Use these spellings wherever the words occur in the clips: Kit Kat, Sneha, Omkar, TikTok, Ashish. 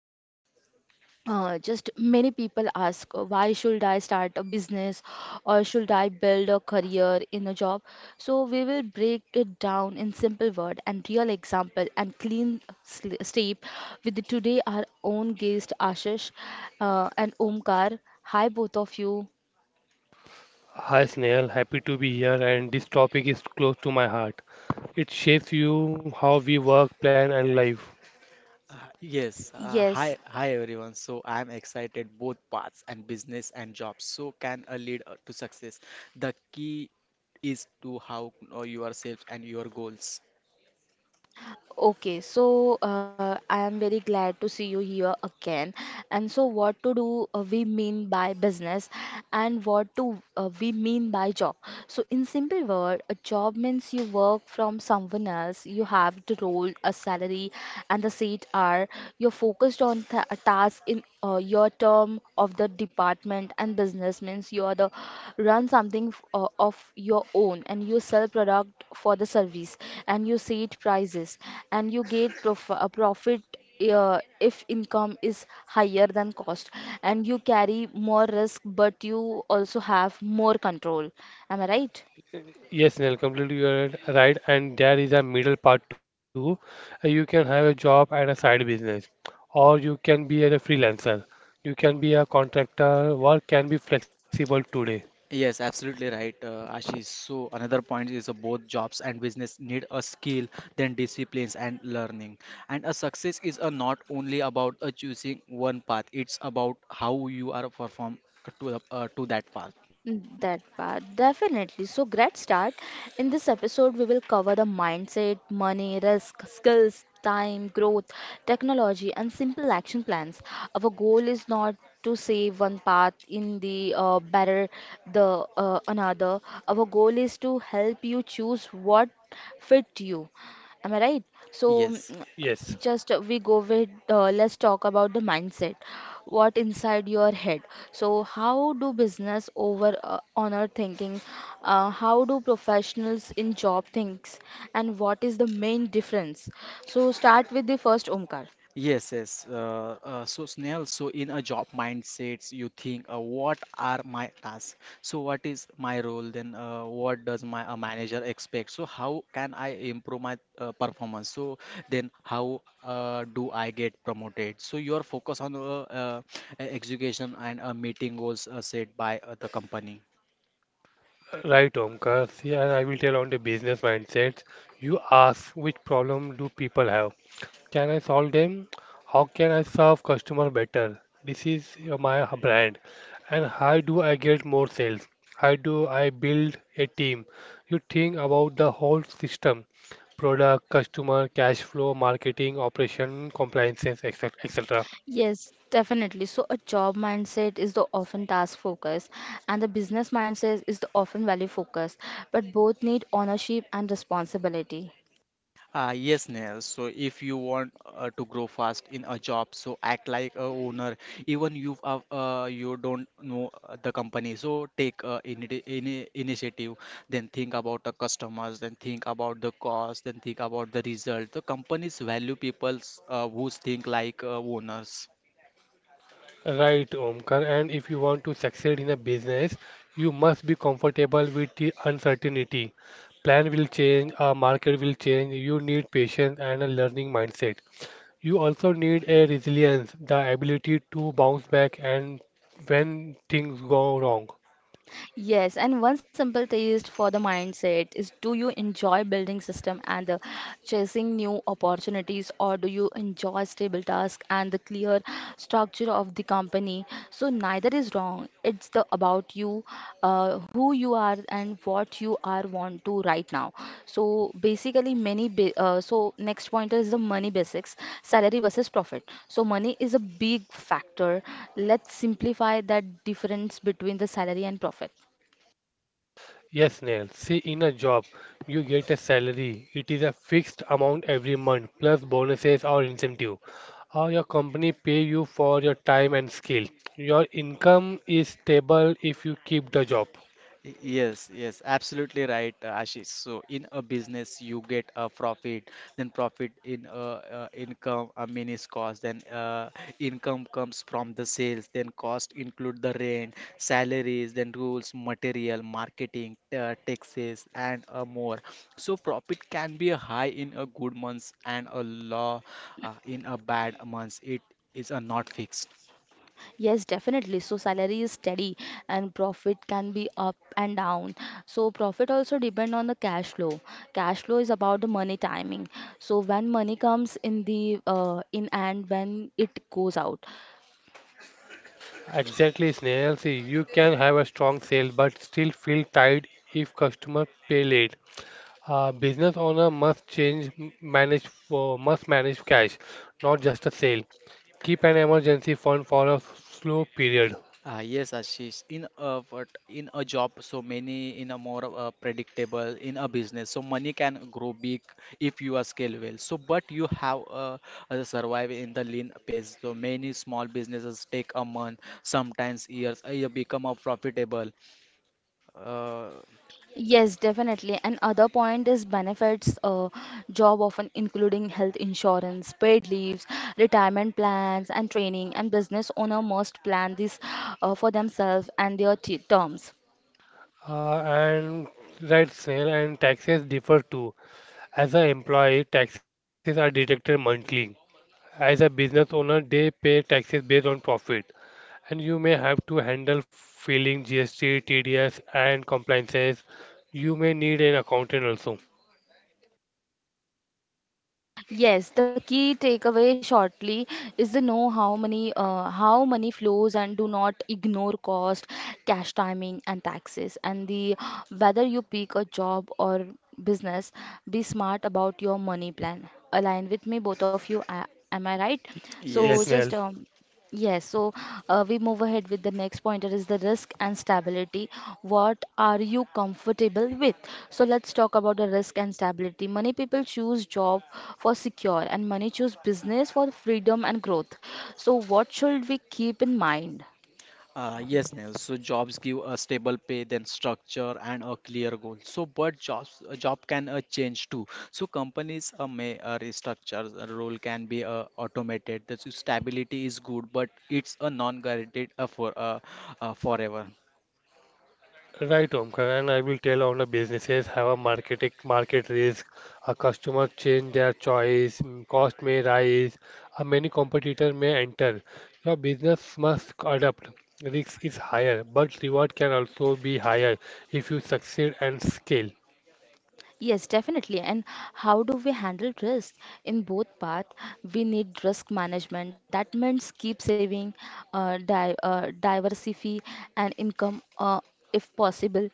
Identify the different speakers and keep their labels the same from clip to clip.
Speaker 1: So just many people ask, why should I start a business or should I build a career in a job? So we will break it down in simple word and real example and clean sleep with the today our own guest Ashish and Omkar. Hi both of you.
Speaker 2: Hi Snail, happy to be here, and this topic is close to my heart. It shapes you how we work, plan and life.
Speaker 3: Uh, Yes,
Speaker 1: Yes.
Speaker 3: hi, everyone. So I'm excited both parts and business and jobs. So can a lead to success? The key is to how know yourself and your goals.
Speaker 1: Okay, so I am very glad to see you here again. And so, what to do we mean by business, and what to we mean by job. So, in simple word, a job means you work from someone else. You have the role, a salary, and the seat are you're focused on a task in your term of the department. And business means you are the run something of your own, and you sell product for the service, and you set prices, and you get profit if income is higher than cost and you carry more risk but you also have more control. Am I right?
Speaker 2: Yes Snail, completely you are right, and there is a middle part too. You can have a job and a side business, or you can be a freelancer. You can be a contractor, work can be flexible today.
Speaker 3: Yes, absolutely right, Ashish. So another point is both jobs and business need a skill, then disciplines and learning. And a success is not only about choosing one path. It's about how you are perform to to that path.
Speaker 1: That part, definitely. So, great start. In this episode, we will cover the mindset, money, risk, skills, time, growth, technology, and simple action plans. Our goal is not to save one path in the better the another. Our goal is to help you choose what fit you. Am I right? So,
Speaker 3: Yes.
Speaker 2: Yes.
Speaker 1: just we go with let's talk about the mindset. What inside your head? So how do business over honor thinking, how do professionals in job thinks, and what is the main difference? So start with the first, Omkar.
Speaker 3: Yes. So Snehal, so in a job mindsets, you think, what are my tasks? So what is my role? Then what does my manager expect? So how can I improve my performance? So then how do I get promoted? So you are focused on execution and meeting goals set by the company.
Speaker 2: Right, Omkar. See, and I will tell on the business mindsets. You ask, which problem do people have? Can I solve them? How can I serve customer better? This is my h- brand. And how do I get more sales? How do I build a team? You think about the whole system, product, customer, cash flow, marketing, operation, compliances, etc., etc.
Speaker 1: Yes, definitely. So a job mindset is the often task focus and the business mindset is the often value focus, but both need ownership and responsibility.
Speaker 3: Yes, Neil. So if you want to grow fast in a job, so act like a owner. Even you don't know the company, so take initiative. Then think about the customers. Then think about the cost. Then think about the result. The companies value people's who think like owners.
Speaker 2: Right, Omkar. And if you want to succeed in a business, you must be comfortable with the uncertainty. Plan will change, our market will change. You need patience and a learning mindset. You also need a resilience, the ability to bounce back and when things go wrong.
Speaker 1: Yes, and one simple taste for the mindset is, do you enjoy building system and the chasing new opportunities, or do you enjoy stable task and the clear structure of the company? So neither is wrong. It's the about you, who you are and what you are want to right now. So basically many ba so next point is the money basics, salary versus profit. So money is a big factor. Let's simplify that difference between the salary and profit.
Speaker 2: Yes, Neil. See, in a job, you get a salary. It is a fixed amount every month, plus bonuses or incentive. Or your company pay you for your time and skill. Your income is stable if you keep the job.
Speaker 3: Absolutely right, Ashish. So in a business, you get a profit, then profit in income, a minus cost, then income comes from the sales, then cost include the rent, salaries, then rules, material, marketing, taxes, and more. So profit can be high in a good months and a low in a bad months. It is not fixed.
Speaker 1: Yes, definitely. So salary is steady and profit can be up and down. So profit also depend on the cash flow. Cash flow is about the money timing. So when money comes in the in and when it goes out.
Speaker 2: Exactly, Snail. See, you can have a strong sale but still feel tight if customer pay late. A business owner must change manage for must manage cash, not just a sale. Keep an emergency fund for a slow period.
Speaker 3: Yes, Ashish. In a job, so many in a more predictable in a business, so money can grow big if you are scale well. So, but you have survive in the lean pace. So many small businesses take a month, sometimes years, you become a profitable. Uh,
Speaker 1: Yes, definitely. And other point is benefits. Job often including health insurance, paid leaves, retirement plans, and training. And business owner must plan this for themselves and their terms.
Speaker 2: And right, Snail, and taxes differ too. As an employee, taxes are deducted monthly. As a business owner, they pay taxes based on profit, and you may have to handle filing GST, TDS, and compliances. You may need an accountant also.
Speaker 1: Yes, the key takeaway shortly is to know how many how money flows and do not ignore cost, cash timing and taxes. And the whether you pick a job or business, be smart about your money plan. Align with me, both of you. Am I right? So
Speaker 3: yes.
Speaker 2: Yes,
Speaker 1: just
Speaker 2: Snail.
Speaker 1: um, Yes, so we move ahead with the next pointer is the risk and stability. What are you comfortable with? So let's talk about the risk and stability. Many people choose job for secure and many choose business for freedom and growth. So what should we keep in mind?
Speaker 3: Yes, Neil. So jobs give a stable pay, then structure and a clear goal. So, but jobs a job can change too. So companies may restructure. A role can be automated. The stability is good, but it's a non-guaranteed forever.
Speaker 2: Right, Omkar, and I will tell on the businesses have a market risk. A customer change their choice, cost may rise, a many competitor may enter. Your business must adapt. Risk is higher, but reward can also be higher if you succeed and scale.
Speaker 1: Yes, definitely. And how do we handle risk? In both path, we need risk management. That means keep saving, di diversify and income if possible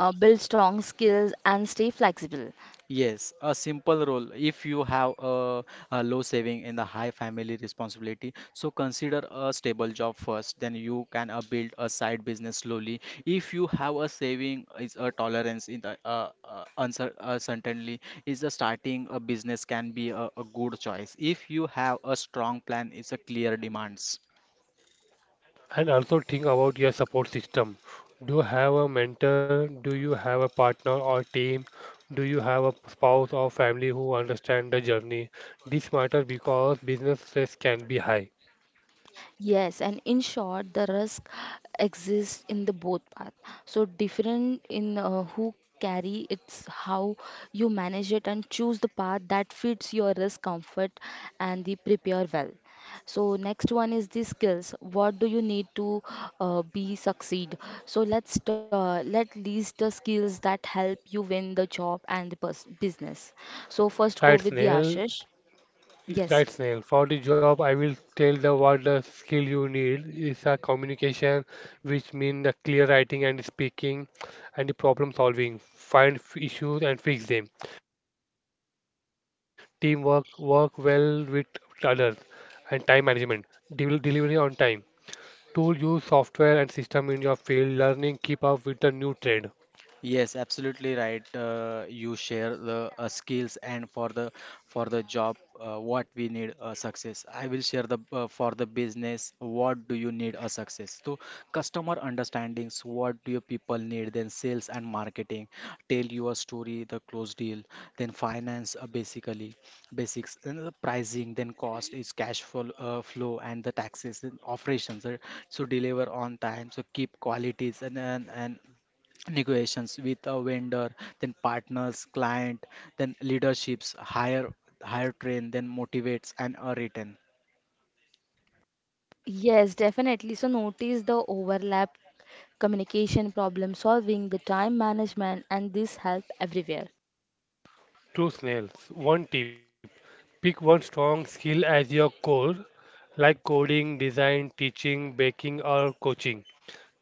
Speaker 1: build strong skills and stay flexible.
Speaker 3: Yes, a simple role. If you have a low saving and a high family responsibility, so consider a stable job first. Then you can build a side business slowly. If you have a saving, is a tolerance in the uncer certainly is the starting a business can be a good choice. If you have a strong plan, it's a clear demands.
Speaker 2: And also think about your support system. Do you have a mentor? Do you have a partner or team? Do you have a spouse or family who understand the journey? This matters because business stress can be high.
Speaker 1: Yes, and in short, the risk exists in the both path. So different in who carry it's how you manage it and choose the path that fits your risk comfort and the prepare well. So next one is the skills. What do you need to be succeed? So let list the skills that help you win the job and the business. So first go
Speaker 2: Right,
Speaker 1: with the
Speaker 2: Snail?
Speaker 1: Ashish. Yes.
Speaker 2: Right, Snail. For the job, I will tell the what the skill you need is a communication, which means the clear writing and speaking, and the problem solving. Find issues and fix them. Teamwork, work well with others, and time management. Delivery on time. Tool, use software and system in your field. Learning, keep up with the new trend.
Speaker 3: Yes, absolutely right. You share the skills and for the job, what we need a success. I will share the for the business, what do you need a success? So customer understandings, what do your people need? Then sales and marketing, tell your story, the close deal. Then finance, basically basics. Then the pricing, then cost is cash flow, flow and the taxes, then operations. So deliver on time. So keep qualities and negotiations with a vendor then partners client then leaderships higher train then motivates and a return
Speaker 1: Yes, definitely. So notice the overlap, communication, problem solving, the time management, and this help everywhere.
Speaker 2: Two snails. One tip. Pick one strong skill as your core, like coding, design, teaching, baking, or coaching.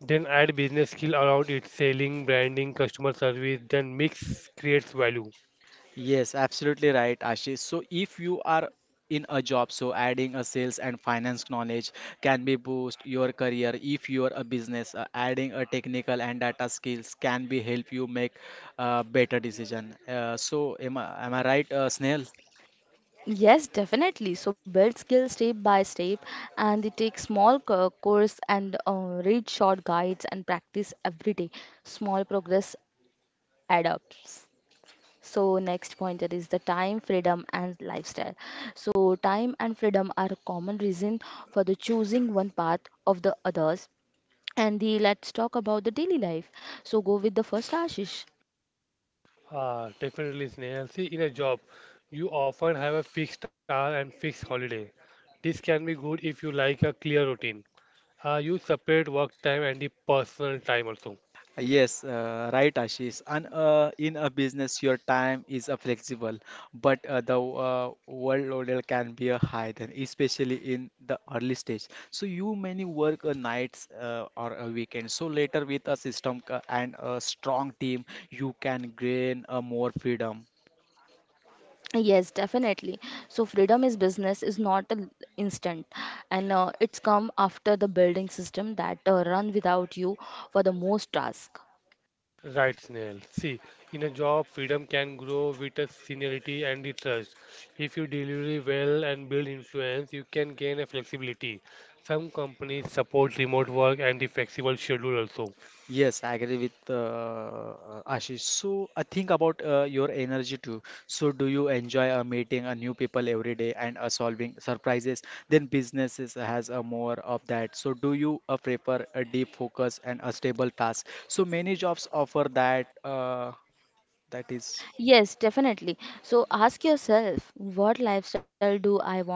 Speaker 2: Then add business skill around it, selling, branding, customer service. Then mix creates value.
Speaker 3: yes absolutely right ashish so if you are in a job so adding a sales and finance knowledge can be boost your career if you are a business adding a technical and data skills can be help you make a better decision so am I right snail
Speaker 1: Yes, definitely. So build skills step by step, and they take small course and read short guides and practice every day. Small progress add up. So next pointer is the time, freedom, and lifestyle. So time and freedom are common reason for the choosing one path of the others. And the let's talk about the daily life. So go with the first, Ashish.
Speaker 2: Ah, definitely snail. See, in a job, you often have a fixed hour and fixed holiday. This can be good if you like a clear routine. You separate work time and the personal time also.
Speaker 3: Yes, right, Ashish. And in a business, your time is flexible, but the workload can be high then, especially in the early stage. So you many work nights or a weekend. So later, with a system and a strong team, you can gain more freedom.
Speaker 1: Yes, definitely. So freedom is business is not an instant, and it's come after the building system that run without you for the most task.
Speaker 2: Right, Snehal. See, in a job, freedom can grow with a seniority and the trust. If you deliver well and build influence, you can gain a flexibility. Some companies support remote work and the flexible schedule also.
Speaker 3: Yes, I agree with Ashish. So I think about your energy too. So do you enjoy meeting new people every day and solving surprises? Then businesses has more of that. So do you prefer a deep focus and a stable task? So many jobs offer that. That is.
Speaker 1: Yes, definitely. So ask yourself, what lifestyle do I want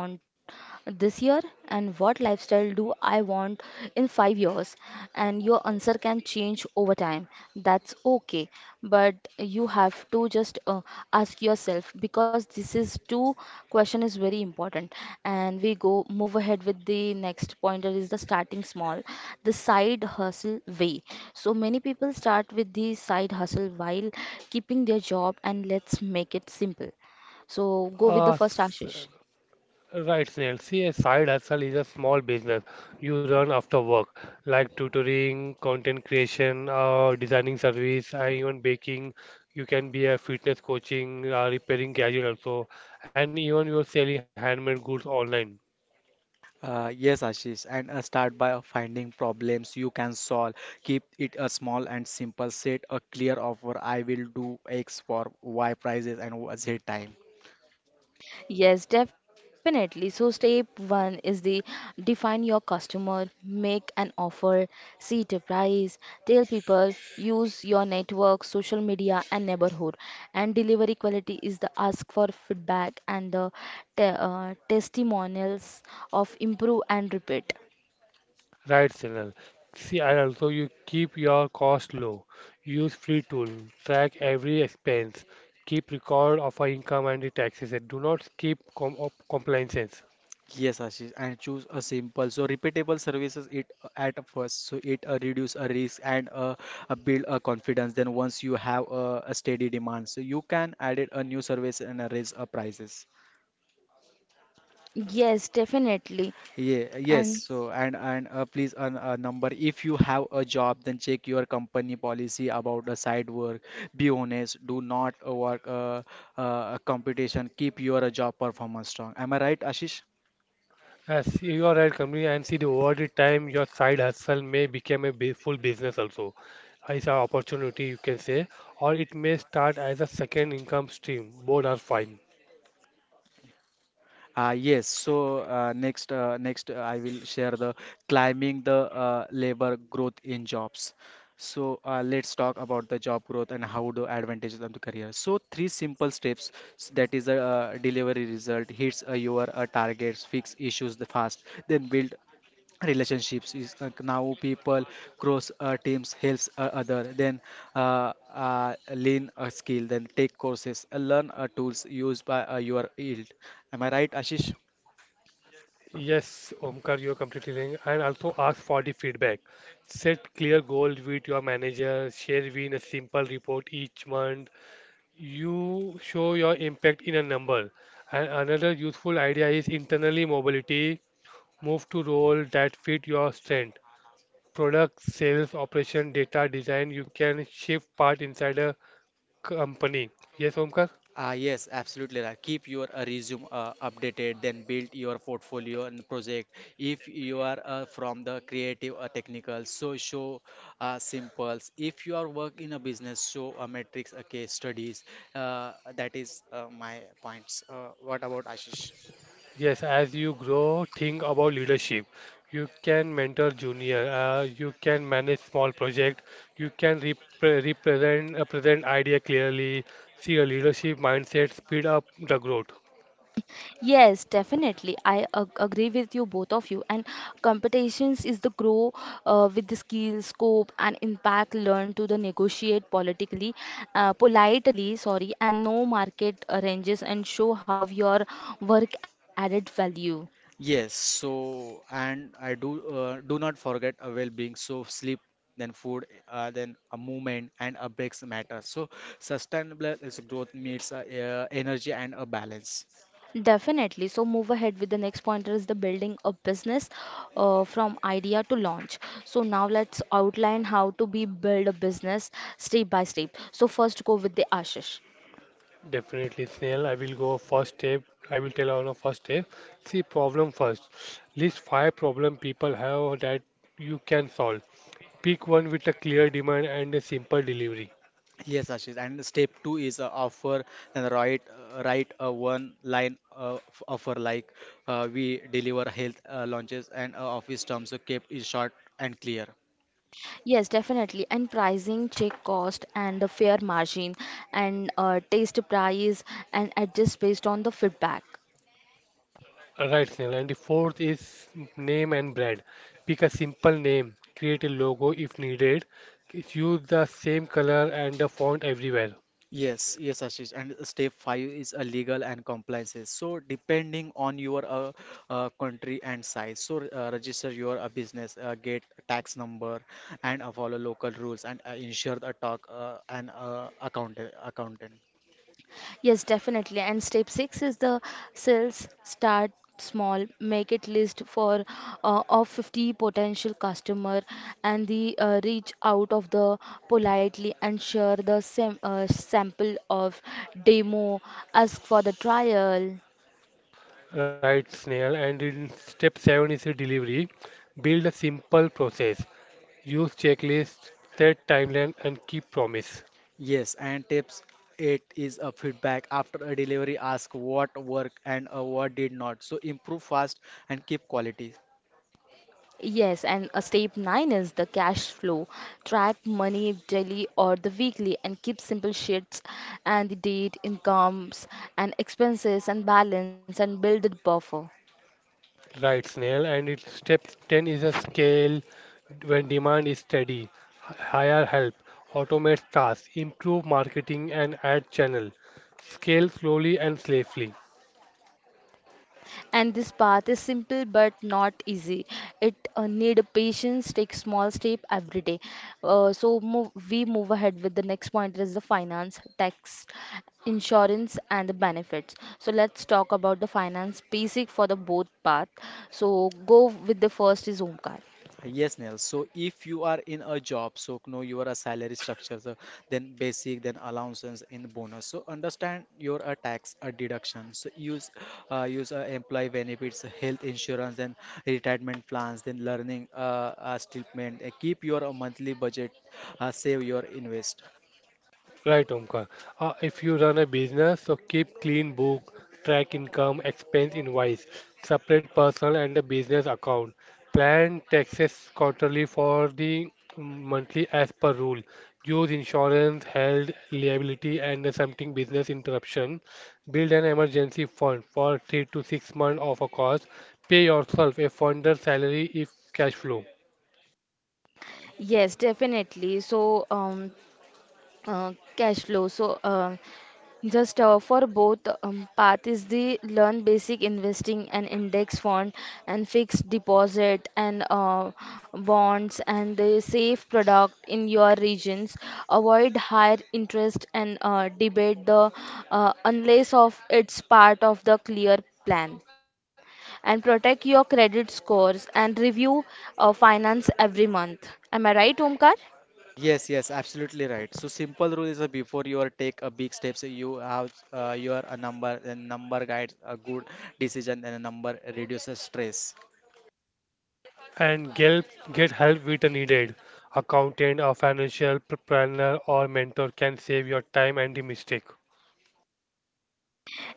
Speaker 1: this year, and what lifestyle do I want in 5 years? And your answer can change over time. That's okay. But you have to just ask yourself because this is two question is very important. And we go move ahead with the next pointer is the starting small, the side hustle way. So many people start with the side hustle while keeping their job. And let's make it simple. So go with the
Speaker 2: Uh,
Speaker 1: first,
Speaker 2: s-
Speaker 1: Ashish.
Speaker 2: Right, Snail. See, a side hustle is a small business you run after work, like tutoring, content creation, designing service, and even baking. You can be a fitness coaching, repairing gadget also, and even you're selling handmade goods online.
Speaker 3: Yes, Ashish, and start by finding problems you can solve. Keep it a small and simple. Set a clear offer. I will do X for Y prices and Z time.
Speaker 1: Yes, definitely. So, step one is the define your customer, make an offer, set a price, tell people, use your network, social media, and neighborhood. And delivery quality is the ask for feedback and the testimonials of improve and repeat.
Speaker 2: Right, Snail. See, and also you keep your cost low. Use free tool, track every expense, keep record of our income and the taxes, and do not skip compliances.
Speaker 3: Yes, Ashish, and choose a simple, so repeatable services it at first, so it reduce a risk and build a confidence. Then once you have a steady demand, so you can add it a new service and raise prices.
Speaker 1: Yes, definitely.
Speaker 3: Yeah, yes.
Speaker 1: And.
Speaker 3: So and please a number. If you have a job, then check your company policy about the side work. Be honest. Do not work competition. Keep your job performance strong. Am I right, Ashish?
Speaker 2: As you are at company, and see the over the time, your side hustle may become a full business also. It's an opportunity, you can say, or it may start as a second income stream. Both are fine.
Speaker 3: Next I will share the climbing the labor growth in jobs. So let's talk about the job growth and how do advantages of the career. So three simple steps that is a delivery result hits your targets, fix issues the fast, then build relationships is now people cross teams helps other then learn a skill then take courses learn tools used by your field am I right ashish
Speaker 2: Yes, Omkar, you're completely right. And also ask for the feedback. Set clear goals with your manager. Share win a simple report each month. You show your impact in a number. And another useful idea is internally mobility. Move to role that fit your strength, product sales operation data design, you can shift part inside a company. Yes, Omkar.
Speaker 3: Yes, absolutely right. Keep your resume updated, then build your portfolio and project. If you are from the creative or technical, so show simples. If you are work in a business, show a metrics, a case studies. That is my points. What about Ashish?
Speaker 2: Yes, as you grow, think about leadership. You can mentor junior, you can manage small project, you can represent, present idea clearly. See, a leadership mindset speed up the growth.
Speaker 1: Yes, definitely. I ag agree with you, both of you. And competitions is the grow with the skill, scope, and impact learned to the negotiate politically, politely, sorry, and no market ranges and show how your work added value.
Speaker 3: Yes, so and I do not forget a well-being. So sleep, then food, then a movement and a breaks matter. So sustainable is growth meets energy and a balance.
Speaker 1: Definitely. So move ahead with the next pointer is the building a business from idea to launch. So now let's outline how to be build a business step by step. So first go with the Ashish.
Speaker 2: Definitely, Snail. I will go first step. I will tell on a first step. See problem first. List five problem people have that you can solve. Pick one with a clear demand and a simple delivery.
Speaker 3: Yes, Ashish. And step two is offer and write a one line offer like we deliver health launches and office terms. So kept is short and clear.
Speaker 1: Yes, definitely. And pricing, check cost and the fair margin and taste price and adjust based on the feedback.
Speaker 2: Right, Snail. And the fourth is name and brand. Pick a simple name, create a logo if needed, use the same color and the font everywhere.
Speaker 3: Yes, Ashish. And step five is a legal and compliances. So depending on your country and size, so register your business, get tax number, and follow local rules and ensure the talk and accountant.
Speaker 1: Yes, definitely. And step six is the sales start small, make it list for of 50 potential customer and the reach out of the politely and share the sample of demo, ask for the trial.
Speaker 2: Right, Snail. And in step seven is a delivery. Build a simple process. Use checklists, set timeline, and keep promise.
Speaker 3: Yes, and tips eight is a feedback after a delivery. Ask what worked and what did not. So improve fast and keep quality.
Speaker 1: Yes, and a step nine is the cash flow. Track money daily or the weekly and keep simple sheets and the date, incomes and expenses and balance and build a buffer.
Speaker 2: Right, Snail. And its step 10 is a scale when demand is steady, hire help, automate tasks, improve marketing and add channel. Scale slowly and safely.
Speaker 1: And this path is simple but not easy. It need patience, take small step every day. So move, we move ahead with the next point is the finance, tax, insurance and the benefits. So let's talk about the finance basic for the both path. So go with the first is Omkar.
Speaker 3: Yes, Neil. So if you are in a job, so know your salary structure, so then basic, then allowances, and bonus. So understand your tax deduction. So use employee benefits, health insurance, then retirement plans, then learning statement. Keep your monthly budget, save your invest.
Speaker 2: Right, Omkar. If you run a business, so keep clean book, track income, expense invoice, separate personal and a business account. Plan taxes quarterly for the monthly as per rule. Use insurance, health, liability, and something business interruption. Build an emergency fund for 3 to 6 months of a cost. Pay yourself a funder's salary if cash flow.
Speaker 1: Yes, definitely. So, cash flow. So, just for both path is the learn basic investing and index fund and fixed deposit and bonds and the safe product in your regions. Avoid higher interest and debate the unless of it's part of the clear plan and protect your credit scores and review finance every month. Am I right, Omkar?
Speaker 3: Yes, absolutely right. So simple rule is before you are take a big steps, you have your a number, then number guides a good decision, and a number reduces stress.
Speaker 2: and get, get help with the needed. Accountant, a financial planner, or mentor can save your time and the mistake.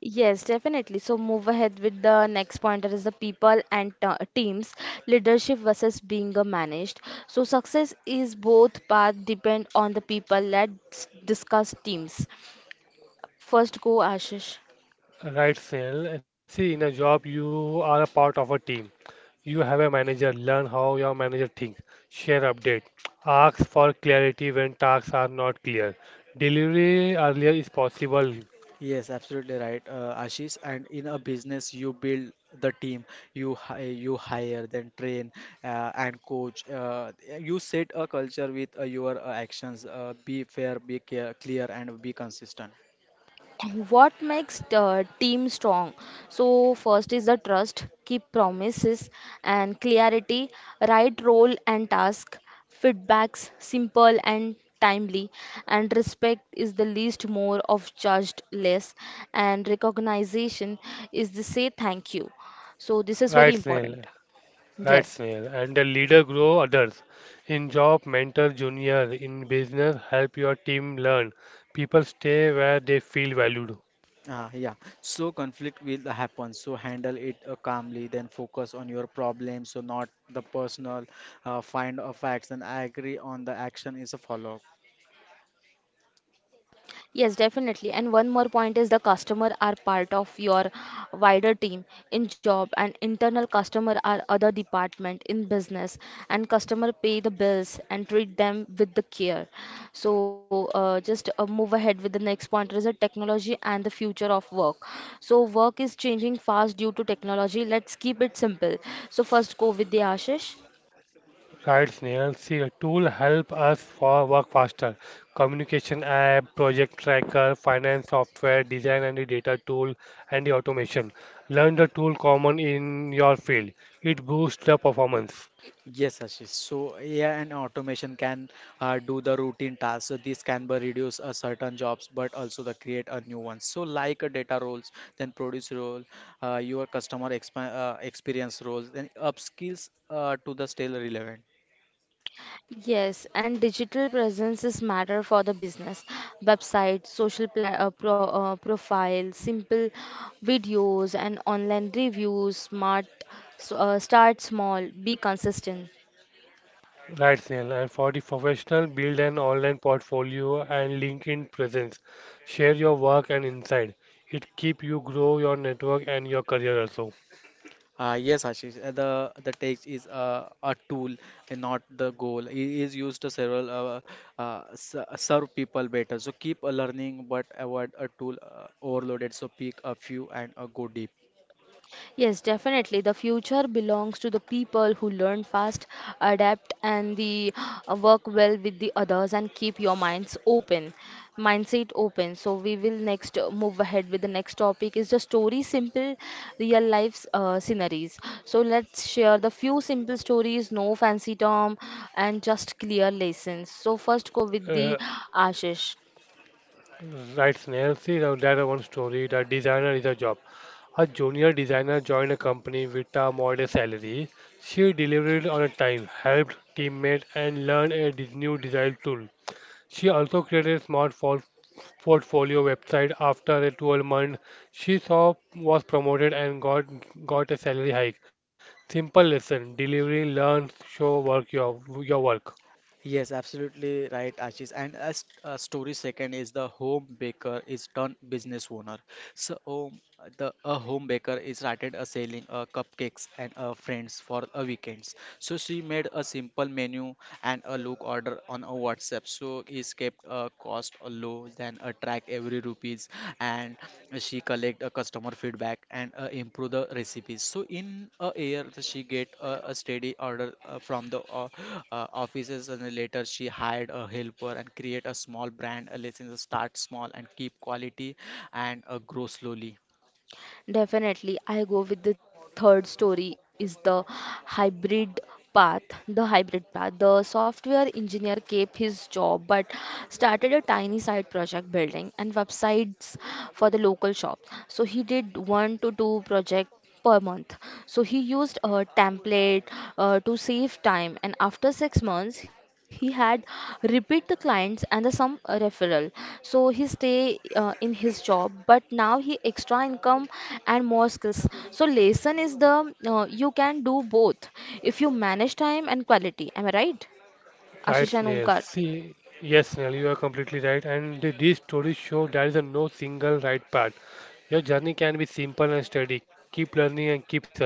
Speaker 1: Yes, definitely. So move ahead with the next pointer is the people and teams, leadership versus being a managed. So success is both path depend on the people. Let's discuss teams. First go, Ashish.
Speaker 2: Right, Snell. See, in a job, you are a part of a team. You have a manager. Learn how your manager thinks. Share update. Ask for clarity when tasks are not clear. Delivery earlier is possible.
Speaker 3: Yes, absolutely right, Ashish. And in a business, you build the team, you hire, then train and coach. You set a culture with your actions. Be fair, be care, clear, and be consistent.
Speaker 1: What makes the team strong? So first is the trust, keep promises and clarity, right role and task, feedbacks simple and timely, and respect is the least more of charged less, and recognition is the say thank you. So this is very
Speaker 2: Right, Snell.
Speaker 1: important.
Speaker 2: Right,
Speaker 1: Yes.
Speaker 2: snail. And the leader grow others. In job, mentor junior. In business, help your team learn. People stay where they feel valued.
Speaker 3: Ah, yeah. So conflict will happen. So handle it calmly. Then focus on your problem. So not the personal. Find facts and agree on the action is a follow.
Speaker 1: Yes, definitely. And one more point is the customer are part of your wider team in job, and internal customer are other department in business, and customer pay the bills and treat them with the care. So just move ahead with the next point is the technology and the future of work. So work is changing fast due to technology. Let's keep it simple. So first go with the Ashish.
Speaker 2: Right, snail, See, a tool help us for work faster. Communication app, project tracker, finance software, design and the data tool, and the automation. Learn the tool common in your field. It boosts the performance.
Speaker 3: Yes, Ashish. So AI and automation can do the routine tasks. So this can be reduce certain jobs, but also the create a new one. So like a data roles, then produce role, your customer experience roles, then upskills to the still relevant.
Speaker 1: Yes, and digital presence is matter for the business. Website, social pla pro profile, simple videos and online reviews, start small, be consistent.
Speaker 2: Right, Snail. And for the professional, build an online portfolio and LinkedIn presence. Share your work and insight. It keep you grow your network and your career also.
Speaker 3: Yes, Ashish. The text is a tool and not the goal. It is used to several serve people better. So keep learning, but avoid a tool overloaded. So pick a few and go deep.
Speaker 1: Yes, definitely. The future belongs to the people who learn fast, adapt, and the work well with the others and keep your minds open, mindset open. So we will next move ahead with the next topic is the story simple real life sceneries. So let's share the few simple stories, no fancy term, and just clear lessons. So first go with the
Speaker 2: Uh,
Speaker 1: Ashish.
Speaker 2: right, Snail. See, now there are one story. The designer is a job. A junior designer joined a company with a modest salary. She delivered on a time, helped teammates, and learned a new design tool. She also created a smart portfolio website. After a 12-month she saw was promoted and got a salary hike. Simple lesson, delivery, learn, show work your work.
Speaker 3: Yes, absolutely right, Ashish. And a story second is the home baker is turned business owner. So um, the a home baker is started selling cupcakes and friends for weekends. So she made a simple menu and a look order on a WhatsApp. So is kept cost low then and track every rupees and she collect a customer feedback and improve the recipes. So in a year she get a steady order from the offices and then later she hired a helper and create a small brand. Let's say start small and keep quality and grow slowly.
Speaker 1: Definitely, I go with the third story is the hybrid path. The hybrid path. The software engineer kept his job but started a tiny side project building and websites for the local shop. So he did one to two project per month. So he used a template to save time, and after 6 months, he had repeat the clients and the some referral. So he stay in his job, but now he extra income and more skills. So lesson is the you can do both if you manage time and quality. Am I right,
Speaker 2: Right,
Speaker 1: Ashish and
Speaker 2: Snail.
Speaker 1: Omkar?
Speaker 2: See, yes, Snail, you are completely right. And these stories show there is a no single right path. Your journey can be simple and steady. Keep learning and keep serving.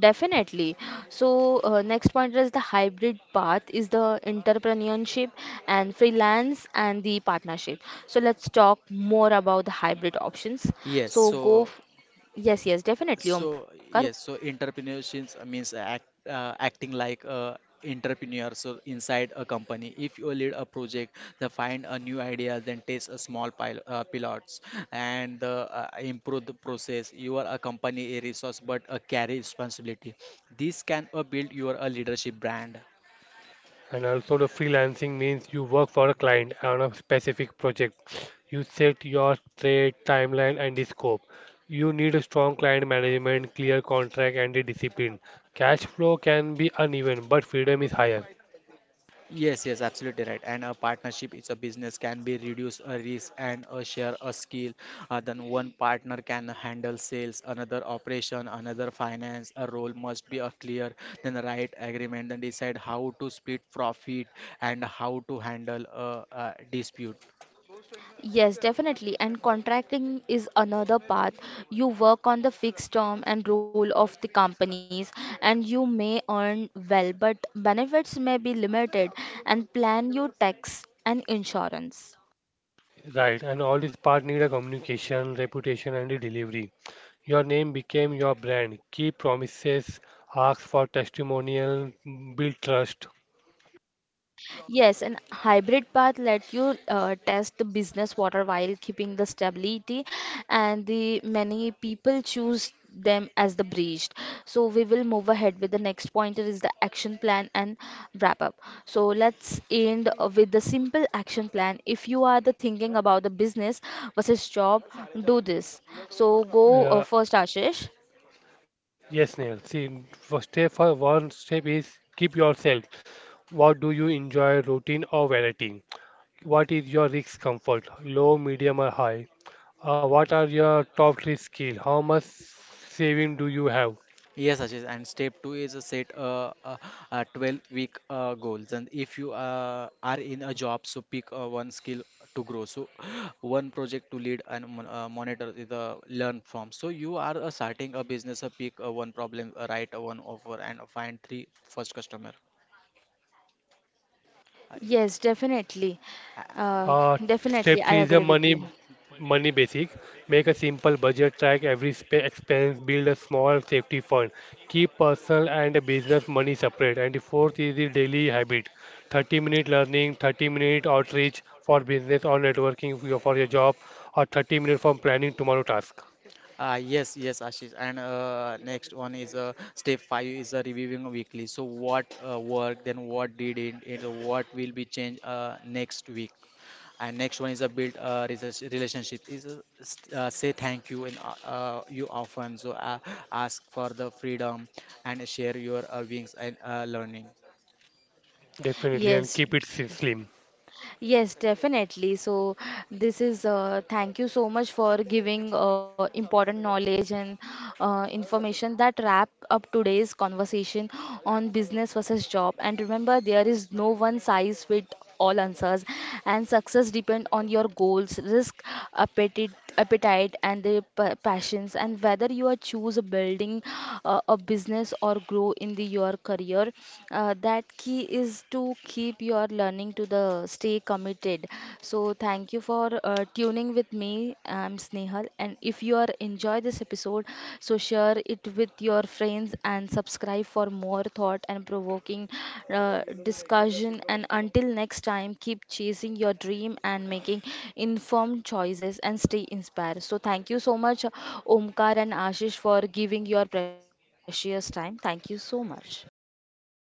Speaker 1: Definitely. So, next point is the hybrid path is the entrepreneurship and freelance and the partnership. So, let's talk more about the hybrid options.
Speaker 3: Yes,
Speaker 1: So, go.
Speaker 3: so
Speaker 1: Yes, yes, definitely,
Speaker 3: So
Speaker 1: Omkar, go.
Speaker 3: yes, so entrepreneurship means acting like a entrepreneur. So inside a company, if you lead a project, they find a new idea, then test a small pilots, and improve the process. You are a company a resource, but a carry responsibility. This can build your a leadership brand.
Speaker 2: And also, the freelancing means you work for a client on a specific project. You set your trade, timeline, and the scope. You need a strong client management, clear contract, and the discipline. Cash flow can be uneven, but freedom is higher.
Speaker 3: Yes, absolutely right. And a partnership is a business can be reduce a risk and a share a skill. Then one partner can handle sales, another operation, another finance. A role must be a clear, then the right agreement, then decide how to split profit and how to handle a dispute.
Speaker 1: Yes, definitely. And contracting is another path. You work on the fixed term and role of the companies, and you may earn well, but benefits may be limited. And plan your tax and insurance.
Speaker 2: Right, and all this part need a communication, reputation, and the delivery. Your name became your brand. Keep promises, ask for testimonial, build trust.
Speaker 1: Yes, and hybrid path let you test the business water while keeping the stability, and the many people choose them as the bridge. So we will move ahead with the next pointer is the action plan and wrap up. So let's end with the simple action plan. If you are the thinking about the business versus job, do this. So go first,
Speaker 2: Uh,
Speaker 1: Ashish.
Speaker 2: yes, Neil. See, first step for one step is keep yourself. What do you enjoy, routine or variety? What is your risk comfort, low, medium, or high? What are your top three skills? How much saving do you have?
Speaker 3: Yes, Ashish, and step two is a set a 12 week goals. And if you are in a job, so pick one skill to grow. So, one project to lead and monitor the learn from. So, you are starting a business, pick one problem, write one offer, and find three first customer. I,
Speaker 1: Yes, definitely.
Speaker 3: I,
Speaker 1: Uh,
Speaker 2: Uh, Step
Speaker 1: definitely, I
Speaker 2: three is a
Speaker 1: agree with you.
Speaker 2: money basic. Make a simple budget, track every spe expense, build a small safety fund, keep personal and business money separate. And the fourth is the daily habit. 30-minute learning, 30-minute outreach for business or networking for your job, or 30 minutes for planning tomorrow task.
Speaker 3: Yes, Ashish. And next one is step five is reviewing weekly. So what worked, then what did it, it what will be changed next week. And next one is a build relationship. Is say thank you and you often. So ask for the freedom and share your wings and learning.
Speaker 2: Definitely, and
Speaker 1: Yes,
Speaker 2: keep it slim.
Speaker 1: yes, definitely. So this is thank you so much for giving important knowledge and information that wrap up today's conversation on business versus job. And remember, there is no one size fit all answers, and success depend on your goals, risk, appetite, appetite, and the passions, and whether you are choose building a business or grow in the your career. That key is to keep your learning to the stay committed. So thank you for tuning with me. I'm Snehal, and if you are enjoy this episode, so share it with your friends and subscribe for more thought and provoking uh, discussion. And until next time, keep chasing your dream and making informed choices and stay inspired. So thank you so much, Omkar and Ashish, for giving your precious time. Thank you so much.
Speaker 2: Thank you,